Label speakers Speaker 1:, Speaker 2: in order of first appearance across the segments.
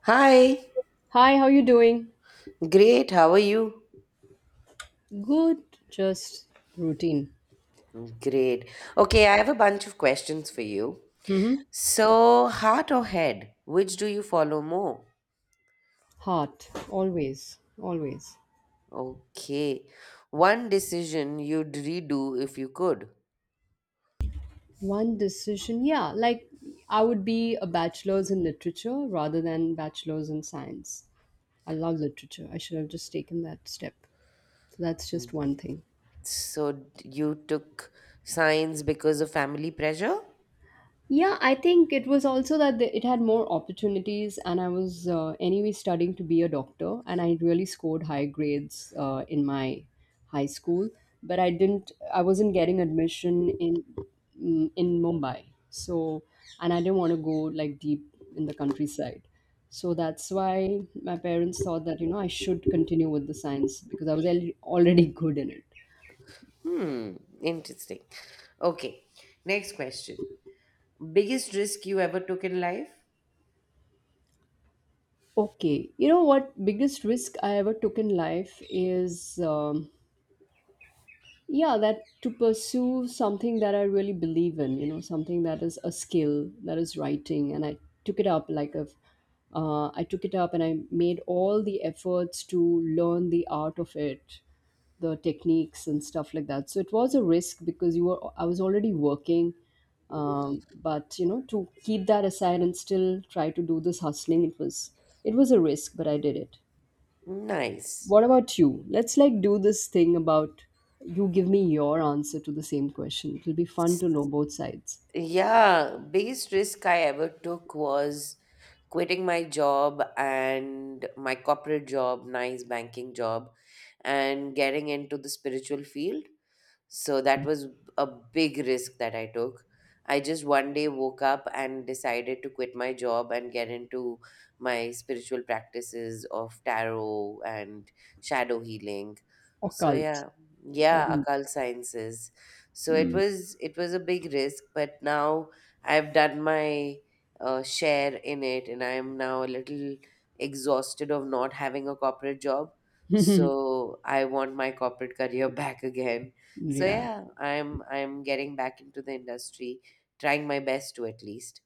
Speaker 1: Hi,
Speaker 2: Hi, how you doing?
Speaker 1: great. How are you?
Speaker 2: Good, just routine.
Speaker 1: Great. Okay, I have a bunch of questions for you.
Speaker 2: Mm-hmm.
Speaker 1: So, heart or head, which do you follow more?
Speaker 2: Hot, always, always.
Speaker 1: Okay, one decision you'd redo if you could.
Speaker 2: One decision, yeah. Like I would be a bachelor's in literature rather than bachelor's in science. I love literature. I should have just taken that step. So that's just one thing.
Speaker 1: So, you took science because of family pressure?
Speaker 2: Yeah, I think it was also that it had more opportunities, and I was anyway studying to be a doctor, and I really scored high grades in my high school, but I didn't. I wasn't getting admission in in Mumbai, so and I didn't want to go like deep in the countryside, so that's why my parents thought that you know I should continue with the science because I was already good in it.
Speaker 1: Hmm, interesting. Okay, next question. Biggest risk you ever took in life?
Speaker 2: Okay, you know what biggest risk I ever took in life is. Yeah, that to pursue something that I really believe in, you know, something that is a skill, that is writing. And I took it up like a I took it up and I made all the efforts to learn the art of it, the techniques and stuff like that. So it was a risk because you were I was already working. But you know, to keep that aside and still try to do this hustling, it was, it was a risk, but I did it.
Speaker 1: Nice.
Speaker 2: What about you? Let's like do this thing about you give me your answer to the same question. It'll be fun to know both sides.
Speaker 1: Yeah, biggest risk I ever took was quitting my job and my corporate job, nice banking job, and getting into the spiritual field. So that was a big risk that I took. I just one day woke up and decided to quit my job and get into my spiritual practices of tarot and shadow healing. So
Speaker 2: Occult.
Speaker 1: yeah, yeah,
Speaker 2: And,
Speaker 1: occult sciences. So it
Speaker 2: mm.
Speaker 1: was it was a big risk, but now I've done my share in it, and I'm now a little exhausted of not having a corporate job. So I want my corporate career back again, so
Speaker 2: Yeah.
Speaker 1: yeah, I'm getting back into the industry, trying my best to, at least.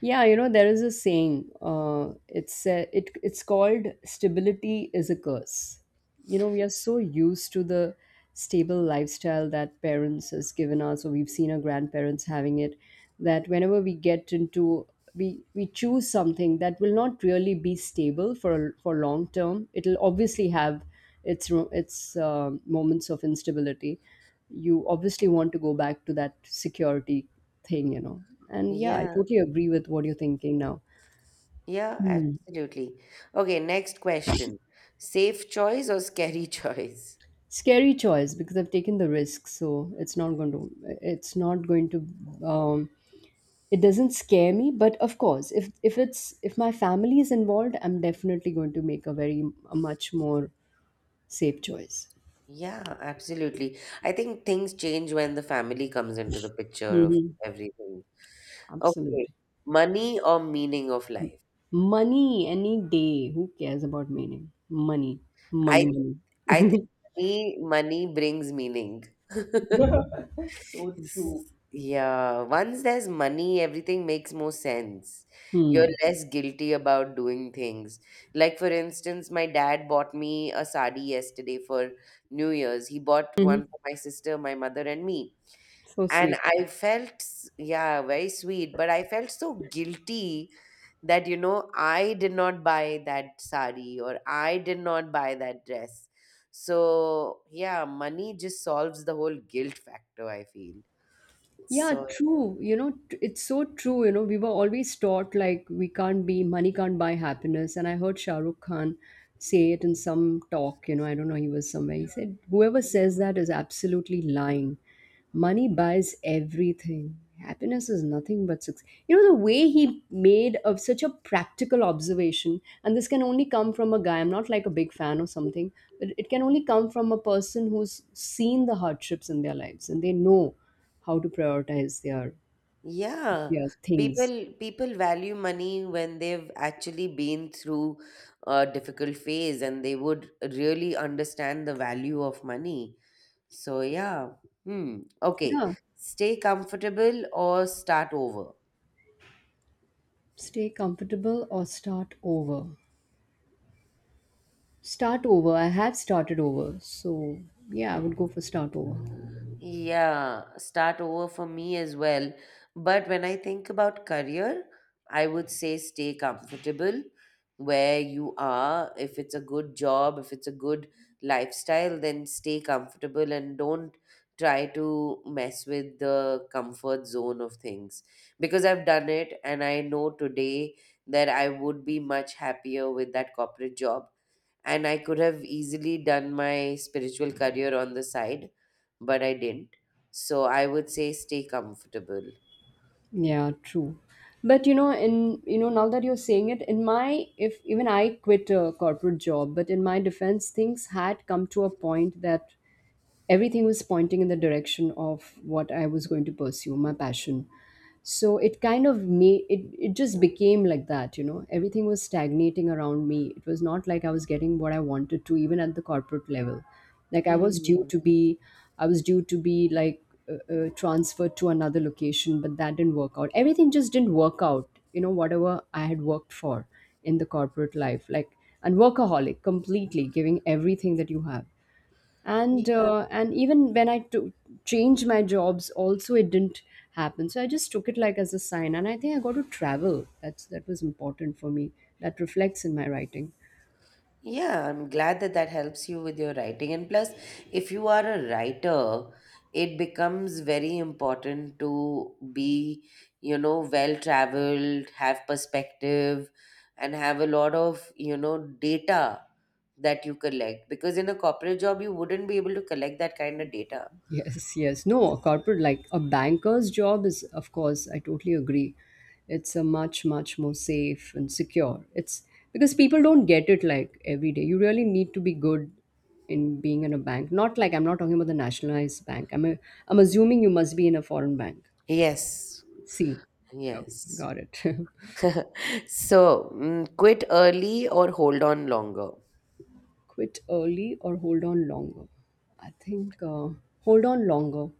Speaker 2: Yeah, you know, there is a saying. It's called stability is a curse. You know, we are so used to the stable lifestyle that parents has given us, or we've seen our grandparents having it, that whenever we get into, we choose something that will not really be stable for long term. It'll obviously have its ro- its moments of instability. You obviously want to go back to that security thing, you know. And yeah, I
Speaker 1: Yeah,
Speaker 2: totally agree with what you're thinking now.
Speaker 1: yeah,
Speaker 2: Hmm.
Speaker 1: absolutely. Okay, next question. Safe choice or scary choice?
Speaker 2: Scary choice because I've taken the risk, so it's not going to. It's not going to. Um, it doesn't scare me, but of course, if it's if my family is involved, I'm definitely going to make a very, a much more safe choice.
Speaker 1: Yeah, absolutely. I think things change when the family comes into the picture of
Speaker 2: Hmm.
Speaker 1: everything. Okay,
Speaker 2: Absolutely.
Speaker 1: money or meaning of life?
Speaker 2: Money any day. Who cares about meaning? Money, money,
Speaker 1: I
Speaker 2: money.
Speaker 1: I think money brings meaning.
Speaker 2: So
Speaker 1: It's-
Speaker 2: true.
Speaker 1: Yeah, once there's money, everything makes more sense.
Speaker 2: Hmm.
Speaker 1: You're less guilty about doing things. Like, for instance, my dad bought me a sari yesterday for New Year's. He bought
Speaker 2: Mhm.
Speaker 1: one for my sister, my mother, and me.
Speaker 2: So
Speaker 1: And
Speaker 2: sweet.
Speaker 1: I felt, yeah, very sweet, but I felt so guilty that, I did not buy that sari or I did not buy that dress. So, yeah, money just solves the whole guilt factor, I feel.
Speaker 2: Yeah,
Speaker 1: So
Speaker 2: true. You know, it's so true. You know, we were always taught like we can't be, money can't buy happiness. And I heard Shah Rukh Khan say it in some talk, you know, I don't know, he was somewhere. He said, whoever says that is absolutely lying. Money buys everything. Happiness is nothing but success. You know, the way he made of such a practical observation, and this can only come from a guy, I'm not like a big fan or something, but it can only come from a person who's seen the hardships in their lives and they know how to prioritize
Speaker 1: yeah,
Speaker 2: their things.
Speaker 1: people value money when they've actually been through a difficult phase, and they would really understand the value of money. So yeah. Hmm. Okay.
Speaker 2: Yeah,
Speaker 1: Stay comfortable or start over.
Speaker 2: stay comfortable or start over. Start over. I have started over, so yeah, I would go for start over.
Speaker 1: Yeah, start over for me as well. But when I think about career, I would say stay comfortable where you are. If it's a good job, if it's a good lifestyle, then stay comfortable and don't try to mess with the comfort zone of things. Because I've done it, and I know today that I would be much happier with that corporate job and I could have easily done my spiritual career on the side, but I didn't. So I would say stay comfortable.
Speaker 2: Yeah, true. But you know, now that you're saying it, in my, if even I quit a corporate job, but in my defense, things had come to a point that everything was pointing in the direction of what I was going to pursue, my passion. So it kind of made it, it just became like that, you know. Everything was stagnating around me. It was not like I was getting what I wanted to, even at the corporate level. Like
Speaker 1: Hmm.
Speaker 2: I was due to be like transferred to another location, but that didn't work out. Everything just didn't work out, you know, whatever I had worked for in the corporate life. Like, and workaholic completely, giving everything that you have,
Speaker 1: Yeah.
Speaker 2: and even when I to change my jobs, also it didn't happen. So I just took it like as a sign, and I think I got to travel. That was important for me. That reflects in my writing.
Speaker 1: Yeah, I'm glad that that helps you with your writing. And plus, if you are a writer, it becomes very important to be, well traveled, have perspective, and have a lot of, data that you collect. Because in a corporate job, you wouldn't be able to collect that kind of data.
Speaker 2: Yes, yes. No, a corporate, like a banker's job is, of course, I totally agree. It's a much, much more safe and secure. It's because people don't get it like every day. You really need to be good in being in a bank. Not like, I'm not talking about the nationalized bank. I'm assuming you must be in a foreign bank.
Speaker 1: Yes,
Speaker 2: C. Okay,
Speaker 1: yes.
Speaker 2: got it.
Speaker 1: So, quit early or hold on longer?
Speaker 2: Quit early or hold on longer? I think hold on longer.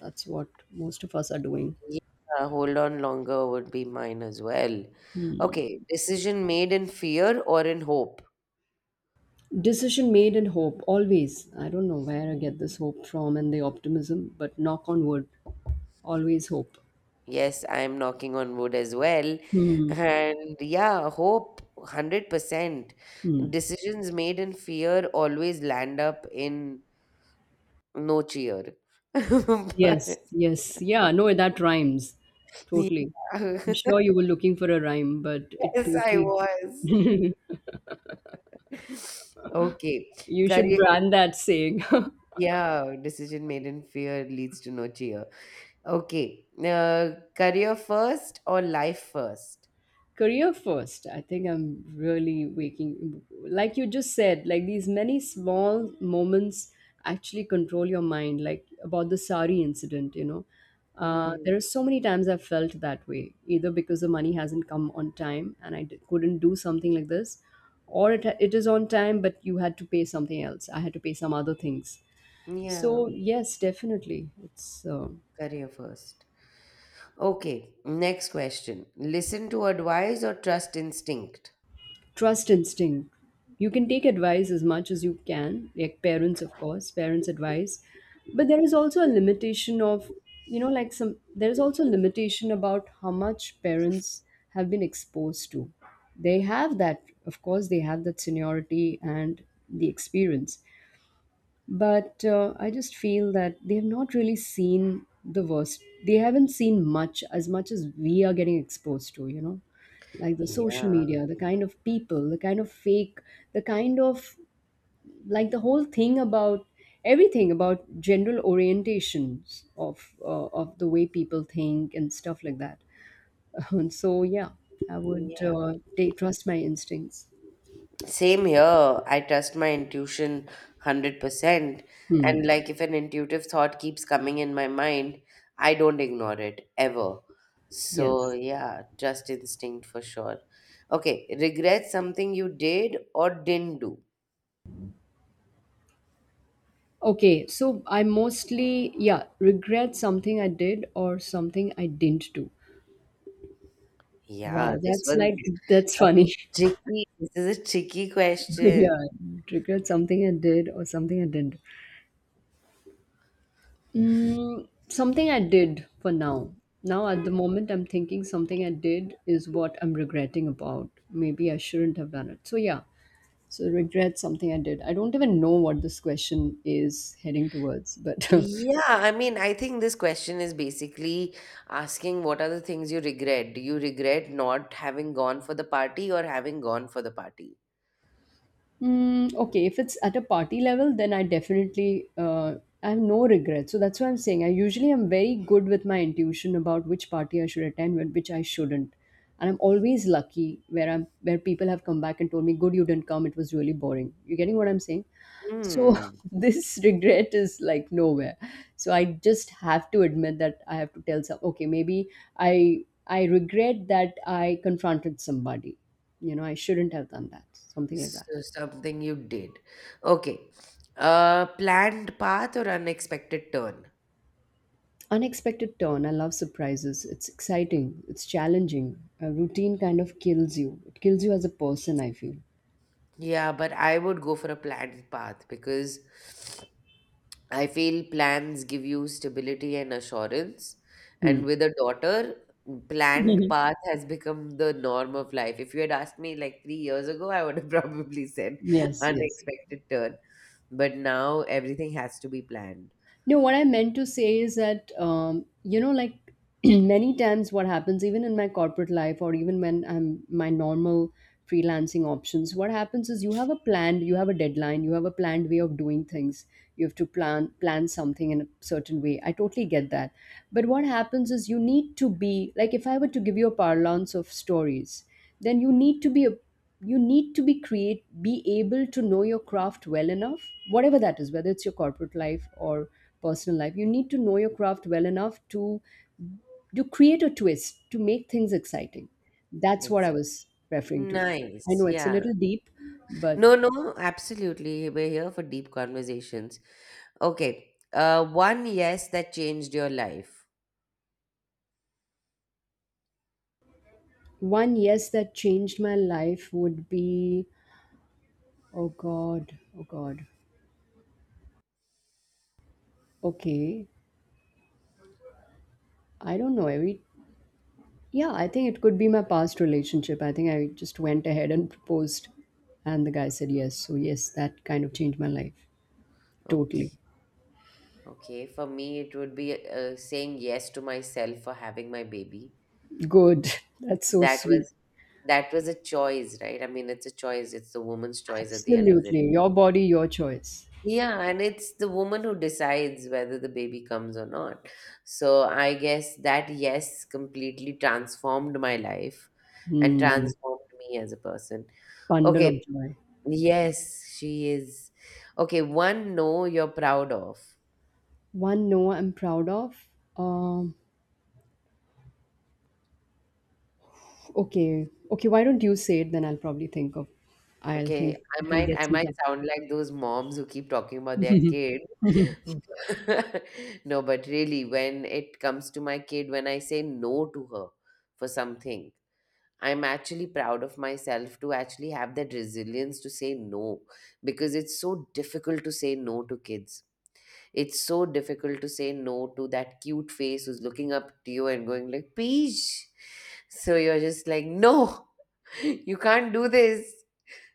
Speaker 2: That's what most of us are doing.
Speaker 1: Yeah, hold on longer would be mine as well. Okay, decision made in fear or in hope?
Speaker 2: Decision made in hope, always. I don't know where I get this hope from and the optimism, but knock on wood, always hope.
Speaker 1: Yes, I am knocking on wood as well.
Speaker 2: Hmm.
Speaker 1: And yeah, hope, 100%. Decisions made in fear always land up in no cheer.
Speaker 2: Yes,
Speaker 1: But
Speaker 2: yes. Yeah, no, that rhymes.
Speaker 1: yeah.
Speaker 2: Totally. I'm sure you were looking for a rhyme, but it
Speaker 1: Yes, I
Speaker 2: totally.
Speaker 1: was. Okay.
Speaker 2: You should
Speaker 1: Career,
Speaker 2: brand that saying.
Speaker 1: yeah, decision made in fear leads to no cheer. Okay. Career first or life first?
Speaker 2: Career first. I think I'm really waking, like you just said, like these many small moments actually control your mind, like about the sari incident, you know.
Speaker 1: Hmm.
Speaker 2: There are so many times I've felt that way, either because the money hasn't come on time and couldn't do something like this, or it is on time but you had to pay something else, I had to pay some other things.
Speaker 1: Yeah,
Speaker 2: So yes, definitely it's
Speaker 1: career first. Okay, next question. Listen to advice or trust instinct?
Speaker 2: trust instinct. You can take advice as much as you can, like parents, of course, parents advice, but there is also a limitation of, you know, like some, there is also a limitation about how much parents have been exposed to. They have that, of course, they have that seniority and the experience, but I just feel that they have not really seen the worst. They haven't seen much, as much as we are getting exposed to, you know, like the social
Speaker 1: Yeah.
Speaker 2: media, the kind of people, the kind of fake, the kind of, like the whole thing about everything, about general orientations of the way people think and stuff like that, and so yeah, I would
Speaker 1: Yeah.
Speaker 2: take, trust my instincts.
Speaker 1: Same here. I trust my intuition 100%. And
Speaker 2: Hmm.
Speaker 1: like if an intuitive thought keeps coming in my mind, I don't ignore it ever. So
Speaker 2: Yes.
Speaker 1: yeah, just instinct for sure. Okay, regret something you did or didn't do.
Speaker 2: Okay, so I mostly, yeah, regret something I did or something I didn't do.
Speaker 1: Yeah,
Speaker 2: Wow,
Speaker 1: this
Speaker 2: that's
Speaker 1: one's
Speaker 2: like, that's
Speaker 1: a
Speaker 2: funny.
Speaker 1: tricky. This is a tricky question.
Speaker 2: Yeah, regret something I did or something I didn't. Mm, something I did for now. Now, at the moment, I'm thinking something I did is what I'm regretting about. Maybe I shouldn't have done it. So, yeah, so regret something I did. I don't even know what this question is heading towards, but
Speaker 1: Yeah, I mean, I think this question is basically asking what are the things you regret? Do you regret not having gone for the party or having gone for the party?
Speaker 2: Mm, okay, if it's at a party level, then I definitely I have no regrets. So that's why I'm saying I usually am very good with my intuition about which party I should attend and which I shouldn't. And I'm always lucky where I'm where people have come back and told me, "Good, you didn't come. It was really boring." You getting what I'm saying? So
Speaker 1: Hmm.
Speaker 2: this regret is like nowhere. So I just have to admit that I have to tell some. Okay, maybe I regret that I confronted somebody. You know, I shouldn't have done that. Something like that.
Speaker 1: So something you did. Okay. Planned path or unexpected turn?
Speaker 2: Unexpected turn. I love surprises. It's exciting. It's challenging. A routine kind of kills you. It kills you as a person, I feel.
Speaker 1: Yeah, but I would go for a planned path because I feel plans give you stability and assurance.
Speaker 2: Hmm.
Speaker 1: And with a daughter, planned path has become the norm of life. If you had asked me like 3 years ago, I would have probably said
Speaker 2: Yes, yes.
Speaker 1: unexpected turn. But now everything has to be planned.
Speaker 2: No, what I meant to say is that, you know, like many times what happens, even in my corporate life or even when I'm my normal freelancing options, what happens is you have a planned, you have a deadline, you have a planned way of doing things. You have to plan something in a certain way. I totally get that. But what happens is you need to be like, if I were to give you a parlance of stories, then you need to be create be able to know your craft well enough, whatever that is, whether it's your corporate life or personal life. You need to know your craft well enough to create a twist, to make things exciting. That's what I
Speaker 1: Exactly.
Speaker 2: was referring to. I
Speaker 1: Nice.
Speaker 2: know it's a
Speaker 1: Yeah.
Speaker 2: little deep, but
Speaker 1: No, no, absolutely. We're here for deep conversations. Okay. One yes that changed your life.
Speaker 2: one yes that changed my life would be, oh god, oh god. Okay. I don't know. Every, yeah, I think it could be my past relationship. I think I just went ahead and proposed, and the guy said yes. So yes, that kind of changed my life totally.
Speaker 1: Okay. Okay, for me, it would be saying yes to myself for having my baby.
Speaker 2: Good.
Speaker 1: Mm.
Speaker 2: That's so
Speaker 1: That
Speaker 2: sweet.
Speaker 1: was that was a choice, right? I mean, it's a choice. It's the woman's choice at the end of the day.
Speaker 2: Absolutely, your body, your choice.
Speaker 1: Yeah, and it's the woman who decides whether the baby comes or not. So I guess that yes completely transformed my life and
Speaker 2: Hmm.
Speaker 1: transformed me as a person.
Speaker 2: Bundle of
Speaker 1: Okay,
Speaker 2: joy.
Speaker 1: yes, she is. Okay, one no you're proud of.
Speaker 2: One no, I'm proud of. Um. Okay. Okay. Why don't you say it? Then I'll probably think of. I'll
Speaker 1: Okay,
Speaker 2: think.
Speaker 1: I
Speaker 2: I can
Speaker 1: might
Speaker 2: get
Speaker 1: I
Speaker 2: some
Speaker 1: might
Speaker 2: time.
Speaker 1: sound like those moms who keep talking about their kid. No, but really, when it comes to my kid, when I say no to her for something, I'm actually proud of myself to actually have that resilience to say no, because it's so difficult to say no to kids. It's so difficult to say no to that cute face who's looking up to you and going like, "Peach." So you're just like, "No, you can't do this."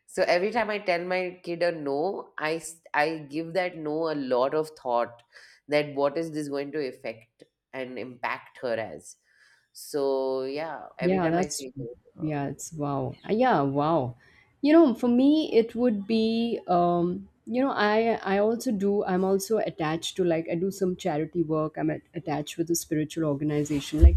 Speaker 1: So every time I tell my kid a no, I give that no a lot of thought, that what is this going to affect and impact her as. So yeah, every
Speaker 2: Yeah,
Speaker 1: time I
Speaker 2: that's,
Speaker 1: say no to her.
Speaker 2: yeah, it's wow. Yeah, wow. For me it would be I also do. I'm also attached to I do some charity work. I'm attached with a spiritual organization, like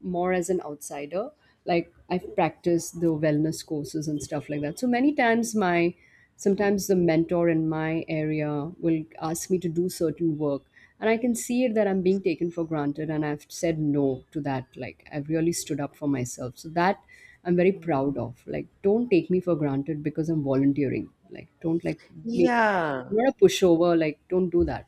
Speaker 2: more as an outsider. Like I've practiced the wellness courses and stuff like that. So many times my sometimes the mentor in my area will ask me to do certain work, and I can see it that I'm being taken for granted, and I've said no to that. Like I've really stood up for myself, so that I'm very
Speaker 1: Hmm.
Speaker 2: proud of. Like, don't take me for granted because I'm volunteering. Like, don't like make
Speaker 1: Yeah.
Speaker 2: you're a pushover. Like, don't do that.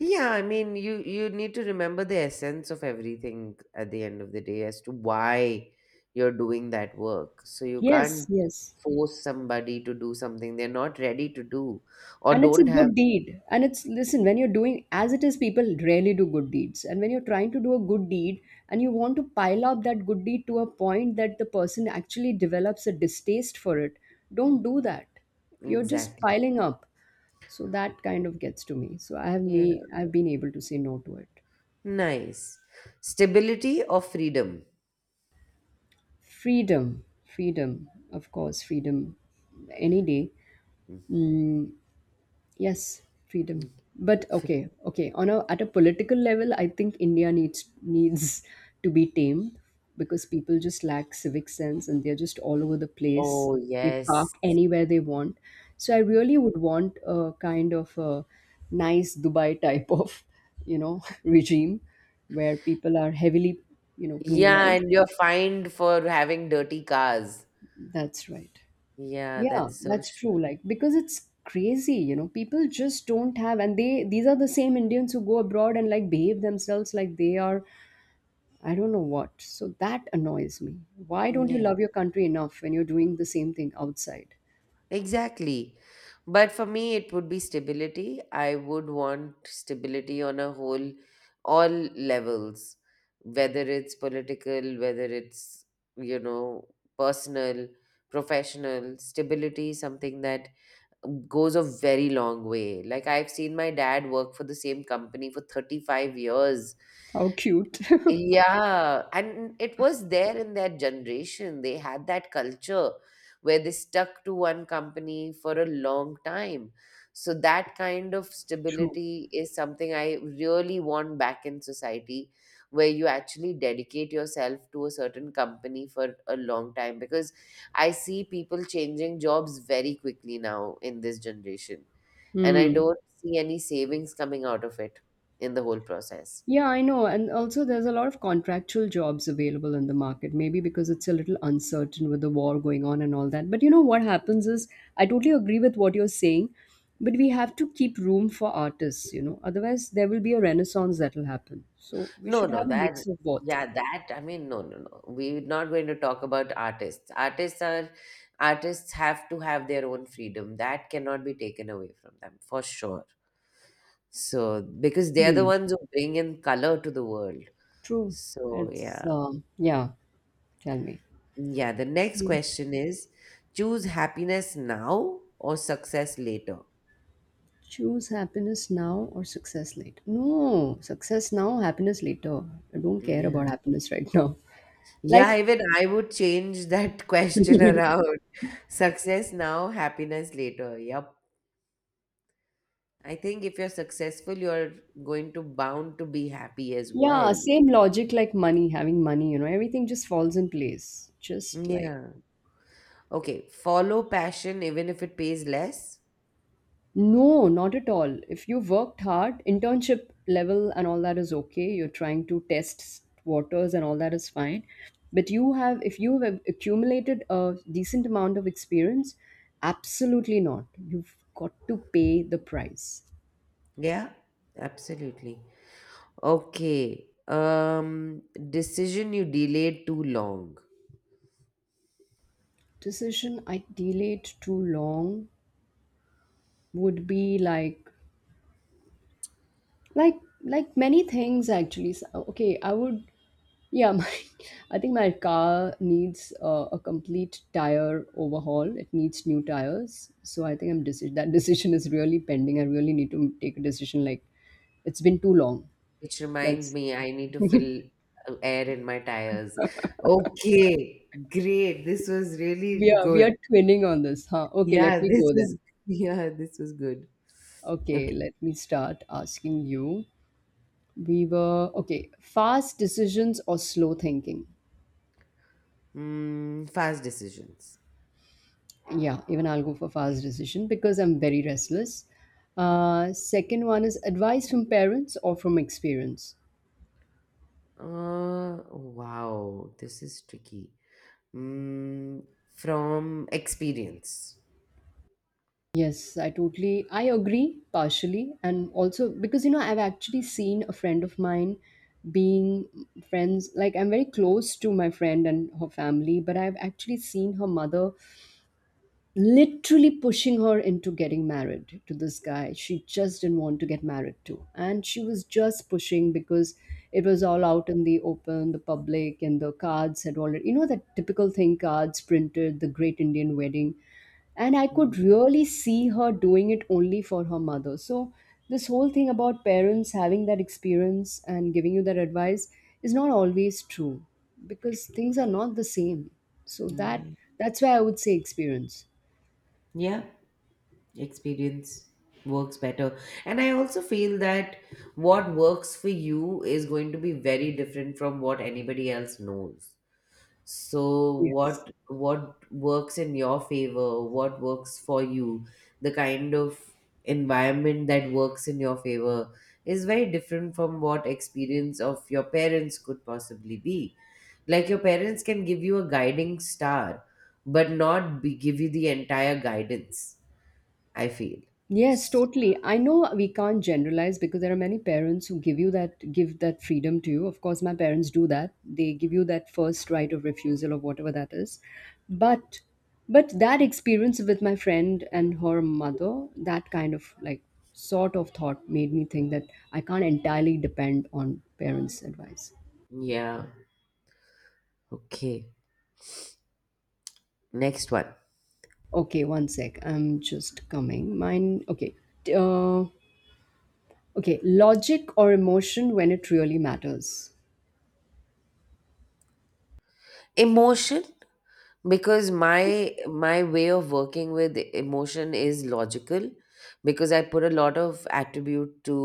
Speaker 1: Yeah, I mean, you need to remember the essence of everything at the end of the day as to why you're doing that work. So you
Speaker 2: yes
Speaker 1: can't
Speaker 2: yes
Speaker 1: force somebody to do something they're not ready to do or
Speaker 2: And it's a
Speaker 1: don't have
Speaker 2: good deed, and it's, listen, when you're doing, as it is, people rarely do good deeds, and when you're trying to do a good deed and you want to pile up that good deed to a point that the person actually develops a distaste for it, don't do that. You're just
Speaker 1: exactly.
Speaker 2: piling up. So that kind of gets to me, so I have me I've been able to say no to it.
Speaker 1: Nice. Stability or freedom?
Speaker 2: Freedom. Freedom, of course. Freedom any day.
Speaker 1: Mm.
Speaker 2: Mm. Yes, freedom. But
Speaker 1: Fr-
Speaker 2: okay, okay. On a At a political level, I think India needs to be tamed because people just lack civic sense, and they're just all over the place.
Speaker 1: Oh,
Speaker 2: They park
Speaker 1: yes.
Speaker 2: anywhere they want. So I really would want a kind of a nice Dubai type of, you know, regime where people are heavily, you know,
Speaker 1: Yeah,
Speaker 2: penalized.
Speaker 1: and you're fined for having dirty cars.
Speaker 2: That's right.
Speaker 1: Yeah,
Speaker 2: Yeah,
Speaker 1: that's so
Speaker 2: that's
Speaker 1: sure.
Speaker 2: true. Like, because it's crazy, you know, people just don't have, and they, these are the same Indians who go abroad and like behave themselves like they are, I don't know what. So that annoys me. Why don't you
Speaker 1: Yeah,
Speaker 2: love your country enough when you're doing the same thing outside?
Speaker 1: exactly. But for me, it would be stability. I would want stability on a whole, all levels, whether it's political, whether it's, you know, personal, professional. Stability, something that goes a very long way. Like I've seen my dad work for the same company for 35 years,
Speaker 2: How cute.
Speaker 1: yeah, and it was there in their generation. They had that culture where they stuck to one company for a long time. So that kind of
Speaker 2: True.
Speaker 1: stability is something I really want back in society, where you actually dedicate yourself to a certain company for a long time. Because I see people changing jobs very quickly now in this generation, and I
Speaker 2: Hmm.
Speaker 1: don't see any savings coming out of it in the whole process.
Speaker 2: Yeah, I know. And also, there's a lot of contractual jobs available in the market, maybe because it's a little uncertain with the war going on and all that. But you know what happens is, I totally agree with what you're saying, but we have to keep room for artists, you know, otherwise, there will be a renaissance that will happen. So, we
Speaker 1: No,
Speaker 2: should
Speaker 1: no,
Speaker 2: have a
Speaker 1: that,
Speaker 2: mix of both.
Speaker 1: yeah, that, I mean, no, no, no. We're not going to talk about artists. Artists have to have their own freedom. That cannot be taken away from them, for sure. So, because they're the
Speaker 2: Hmm.
Speaker 1: ones who bring in color to the world.
Speaker 2: True.
Speaker 1: So,
Speaker 2: It's,
Speaker 1: yeah.
Speaker 2: yeah, tell me.
Speaker 1: Yeah, the next
Speaker 2: Hmm.
Speaker 1: question is, choose happiness now or success later?
Speaker 2: Choose happiness now or success later. No, success now, happiness later. I don't care
Speaker 1: Yeah.
Speaker 2: about happiness right now.
Speaker 1: Yeah,
Speaker 2: Like,
Speaker 1: even I would change that question around. Success now, happiness later. Yep. I think if you're successful, you're going to bound to be happy as
Speaker 2: yeah,
Speaker 1: well.
Speaker 2: same logic like money, having money, you know, everything just falls in place. Just like,
Speaker 1: Yeah. Okay. Follow passion even if it pays less.
Speaker 2: no, not at all. If you worked hard, internship level and all that is okay. You're trying to test waters and all that is fine. But you have, if you have accumulated a decent amount of experience, absolutely not. You've got to pay the price.
Speaker 1: Yeah. Absolutely. Okay. Decision you delayed too long,
Speaker 2: Decision I delayed too long would be like many things actually. So, okay, I would, yeah, my, I think my car needs a complete tire overhaul. It needs new tires. So I think that decision is really pending. I really need to take a decision. Like, it's been too long.
Speaker 1: which reminds
Speaker 2: That's
Speaker 1: me, I need to fill air in my tires. Okay. Great. This was
Speaker 2: We
Speaker 1: really
Speaker 2: are we
Speaker 1: good.
Speaker 2: are twinning on this, huh? Okay, let
Speaker 1: Yeah.
Speaker 2: me
Speaker 1: This
Speaker 2: go then.
Speaker 1: was, yeah, this was good.
Speaker 2: Okay,
Speaker 1: Okay.
Speaker 2: let me start asking you. We were okay. Fast decisions or slow thinking?
Speaker 1: Fast decisions.
Speaker 2: Yeah, even I'll go for fast decision because I'm very restless. Second one is advice from parents or from experience.
Speaker 1: Wow, this is tricky. Mm, from experience.
Speaker 2: Yes, I agree partially. And also, because you know, I've actually seen a friend of mine being friends, like I'm very close to my friend and her family, but I've actually seen her mother literally pushing her into getting married to this guy she just didn't want to get married to, and she was just pushing because it was all out in the open, the public, and the cards had already, you know, that typical thing, cards printed, the great Indian wedding, and I
Speaker 1: Mm,
Speaker 2: could really see her doing it only for her mother. So this whole thing about parents having that experience and giving you that advice is not always true because things are not the same. So
Speaker 1: yeah.
Speaker 2: that's why I would say experience.
Speaker 1: Yeah, experience works better. And I also feel that what works for you is going to be very different from what anybody else knows. So
Speaker 2: Yes.
Speaker 1: what works in your favor? What works for you? The kind of environment that works in your favor is very different from what experience of your parents could possibly be. Like your parents can give you a guiding star, but not be, give you the entire guidance, I feel.
Speaker 2: Yes,
Speaker 1: S-
Speaker 2: totally. I know we can't generalize because there are many parents who give that freedom to you. Of course, my parents do that. They give you that first right of refusal or whatever that is. But but that experience with my friend and her mother, that kind of like sort of thought made me think that I can't entirely depend on parents' advice.
Speaker 1: Yeah. Okay. Next one.
Speaker 2: Okay, one sec. I'm just coming. Mine. Okay. T- Uh, okay. Logic or emotion when it really matters.
Speaker 1: Emotion, because my way of working with emotion is logical, because I put a lot of attribute to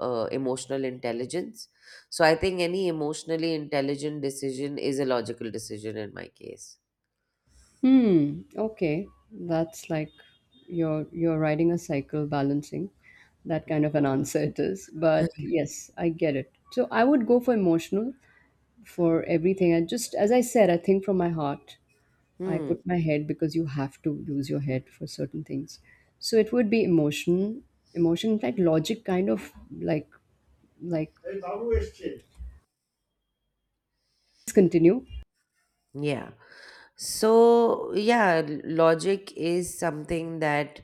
Speaker 1: emotional intelligence. So I think any emotionally intelligent decision is a logical decision in my case.
Speaker 2: Hmm. Okay. That's like you're riding a cycle balancing. That
Speaker 1: Mm.
Speaker 2: kind of an answer it is. But yes, I get it. So I would go for emotional for everything. I just, as I said, I think from my heart. I
Speaker 1: Hmm.
Speaker 2: put my head because you have to use your head for certain things. So it would be emotion, emotion, in fact, logic kind of like like. Let's continue.
Speaker 1: Yeah. So, yeah, logic is something that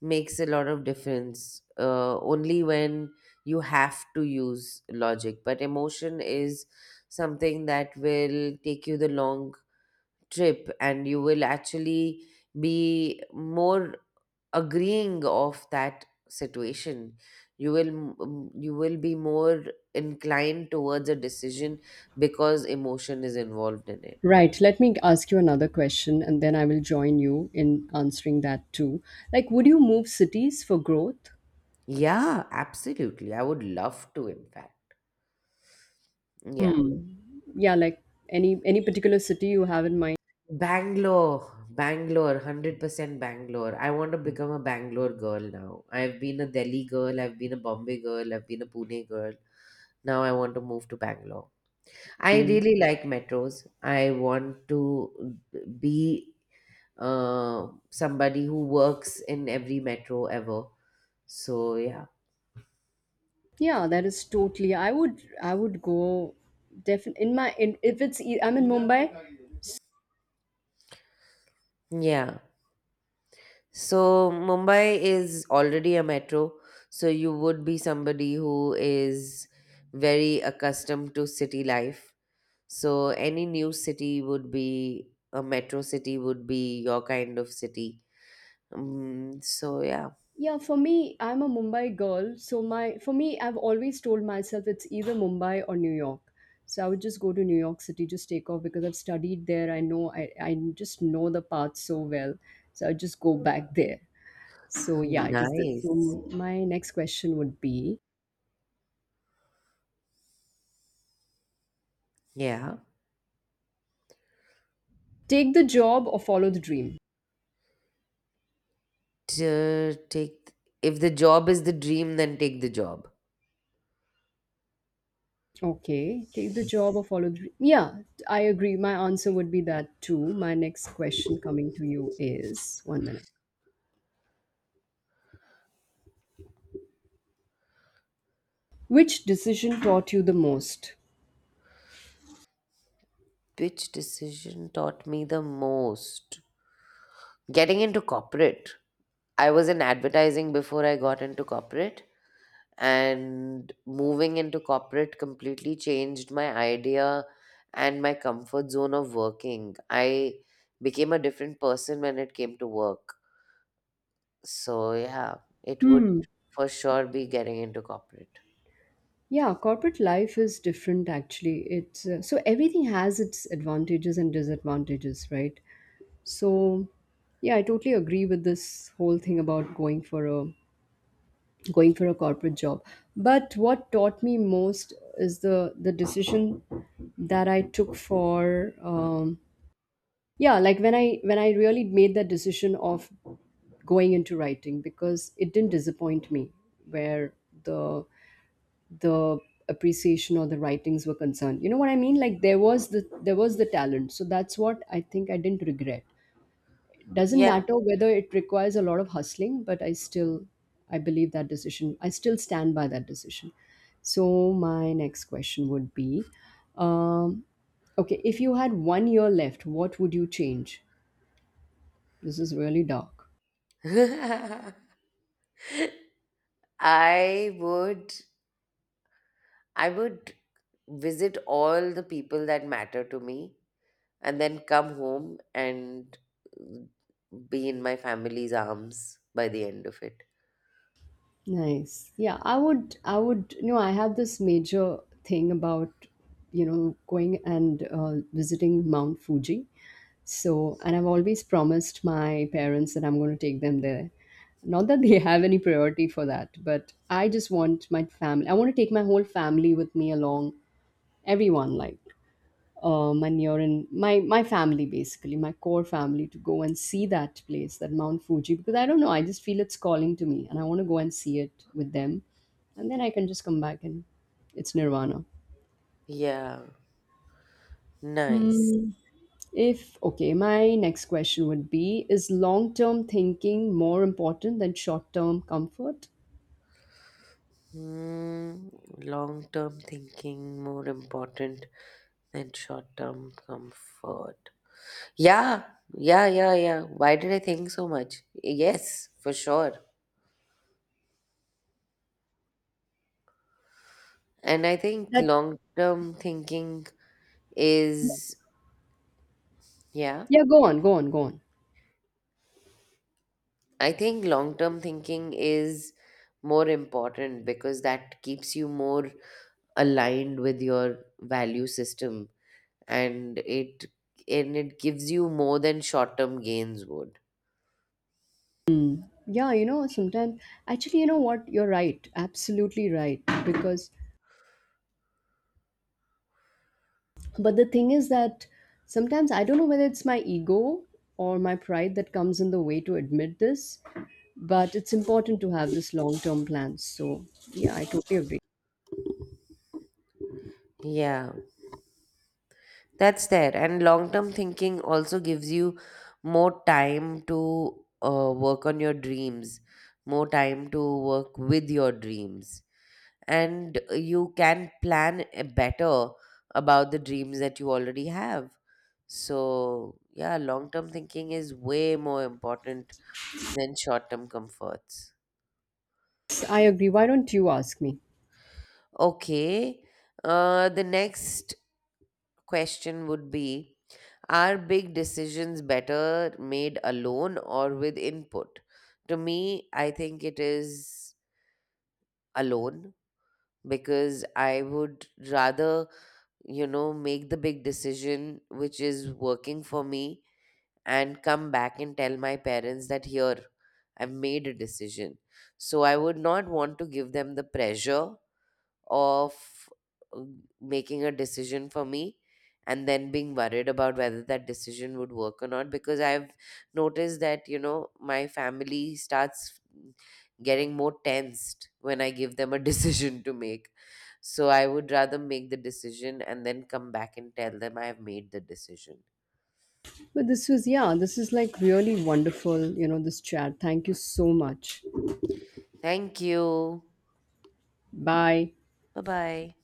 Speaker 1: makes a lot of difference only when you have to use logic, but emotion is something that will take you the long trip, and you will actually be more agreeing of that situation. You will be more inclined towards a decision because emotion is involved in it.
Speaker 2: Right. Let me ask you another question, and then I will join you in answering that too. Like, would you move cities for growth?
Speaker 1: Yeah, absolutely, I would love to, in fact. Yeah.
Speaker 2: Hmm. Yeah, like, any particular city you have in mind?
Speaker 1: Bangalore, Bangalore, 100% Bangalore. I want to become a Bangalore girl now. I've been a Delhi girl, I've been a Bombay girl, I've been a Pune girl. Now I want to move to Bangalore. I really like metros. I want to be somebody who works in every metro ever. So, yeah.
Speaker 2: Yeah, that is totally. I would go definitely in my in if it's I'm in Mumbai.
Speaker 1: Yeah. So, Mumbai is already a metro. So, you would be somebody who is very accustomed to city life. So any new city would be a metro city, would be your kind of city. So yeah.
Speaker 2: Yeah, for me, I'm a Mumbai girl, so my for me, I've always told myself it's either Mumbai or New York. So I would just go to New York City, just take off because I've studied there. I know I just know the path so well. So I just go back there. So
Speaker 1: Oh,
Speaker 2: yeah, it is this.
Speaker 1: nice.
Speaker 2: So my next question would be:
Speaker 1: Yeah,
Speaker 2: take the job or follow the dream.
Speaker 1: to take, if the job is the dream, then take the job.
Speaker 2: Okay, take the job or follow the dream. Yeah, I agree. My answer would be that too. My next question coming to you is one minute. Which decision taught you the most?
Speaker 1: Which decision taught me the most? Getting into corporate. I was in advertising before I got into corporate, and moving into corporate completely changed my idea and my comfort zone of working. I became a different person when it came to work. So, yeah, it would
Speaker 2: Hmm.
Speaker 1: for sure be getting into corporate.
Speaker 2: Yeah, corporate life is different actually. It's so everything has its advantages and disadvantages, right? So, yeah, I totally agree with this whole thing about going for a corporate job. But what taught me most is the decision that I took for yeah, like when I really made that decision of going into writing, because it didn't disappoint me where the the appreciation or the writings were concerned, you know what I mean, like there was the talent. So that's what I think, I didn't regret. It doesn't
Speaker 1: Yeah.
Speaker 2: matter whether it requires a lot of hustling, but I believe that decision. I still stand by that decision. So my next question would be, um, okay, if you had one year left, what would you change? This is really dark.
Speaker 1: I would I would visit all the people that matter to me, and then come home and be in my family's arms by the end of it.
Speaker 2: Nice. Yeah, I would, you know, I have this major thing about, you know, going and visiting Mount Fuji. So, and I've always promised my parents that I'm going to take them there. Not that they have any priority for that, but I just want my family, I want to take my whole family with me along, everyone, like, Manyorin, my family basically, my core family, to go and see that place, that Mount Fuji, because I don't know, I just feel it's calling to me, and I want to go and see it with them, and then I can just come back and it's Nirvana.
Speaker 1: Yeah. Nice.
Speaker 2: Hmm, if okay, my next question would be: Is long-term thinking more important than short-term comfort?
Speaker 1: Hmm. Long term thinking more important than short term comfort. Yeah, yeah, yeah, yeah. Why did I think so much? Yes, for sure. And I think
Speaker 2: That
Speaker 1: long term thinking is, yeah,
Speaker 2: Yeah, go on, go on, go on.
Speaker 1: I think long term thinking is more important because that keeps you more aligned with your value system, and it and it gives you more than short term gains would.
Speaker 2: Hmm. Yeah, you know, sometimes actually, you know what? You're right, absolutely right, because, but the thing is that sometimes I don't know whether it's my ego or my pride that comes in the way to admit this, but it's important to have this long term plan. So, yeah, I totally agree.
Speaker 1: Yeah, that's there. And long term thinking also gives you more time to work on your dreams, more time to work with your dreams. And you can plan better about the dreams that you already have. So, yeah, long term thinking is way more important than short term comforts.
Speaker 2: Yes, I agree. Why don't you ask me?
Speaker 1: Okay. The next question would be: Are big decisions better made alone or with input? To me, I think it is alone, because I would rather, make the big decision which is working for me and come back and tell my parents that here I've made a decision. So I would not want to give them the pressure of uh, making a decision for me and then being worried about whether that decision would work or not, because I've noticed that, my family starts getting more tensed when I give them a decision to make. So I would rather make the decision and then come back and tell them I have made the decision.
Speaker 2: But this was, yeah, this is like really wonderful, you know, this chat. Thank you so much.
Speaker 1: Thank you.
Speaker 2: Bye.
Speaker 1: Bye bye.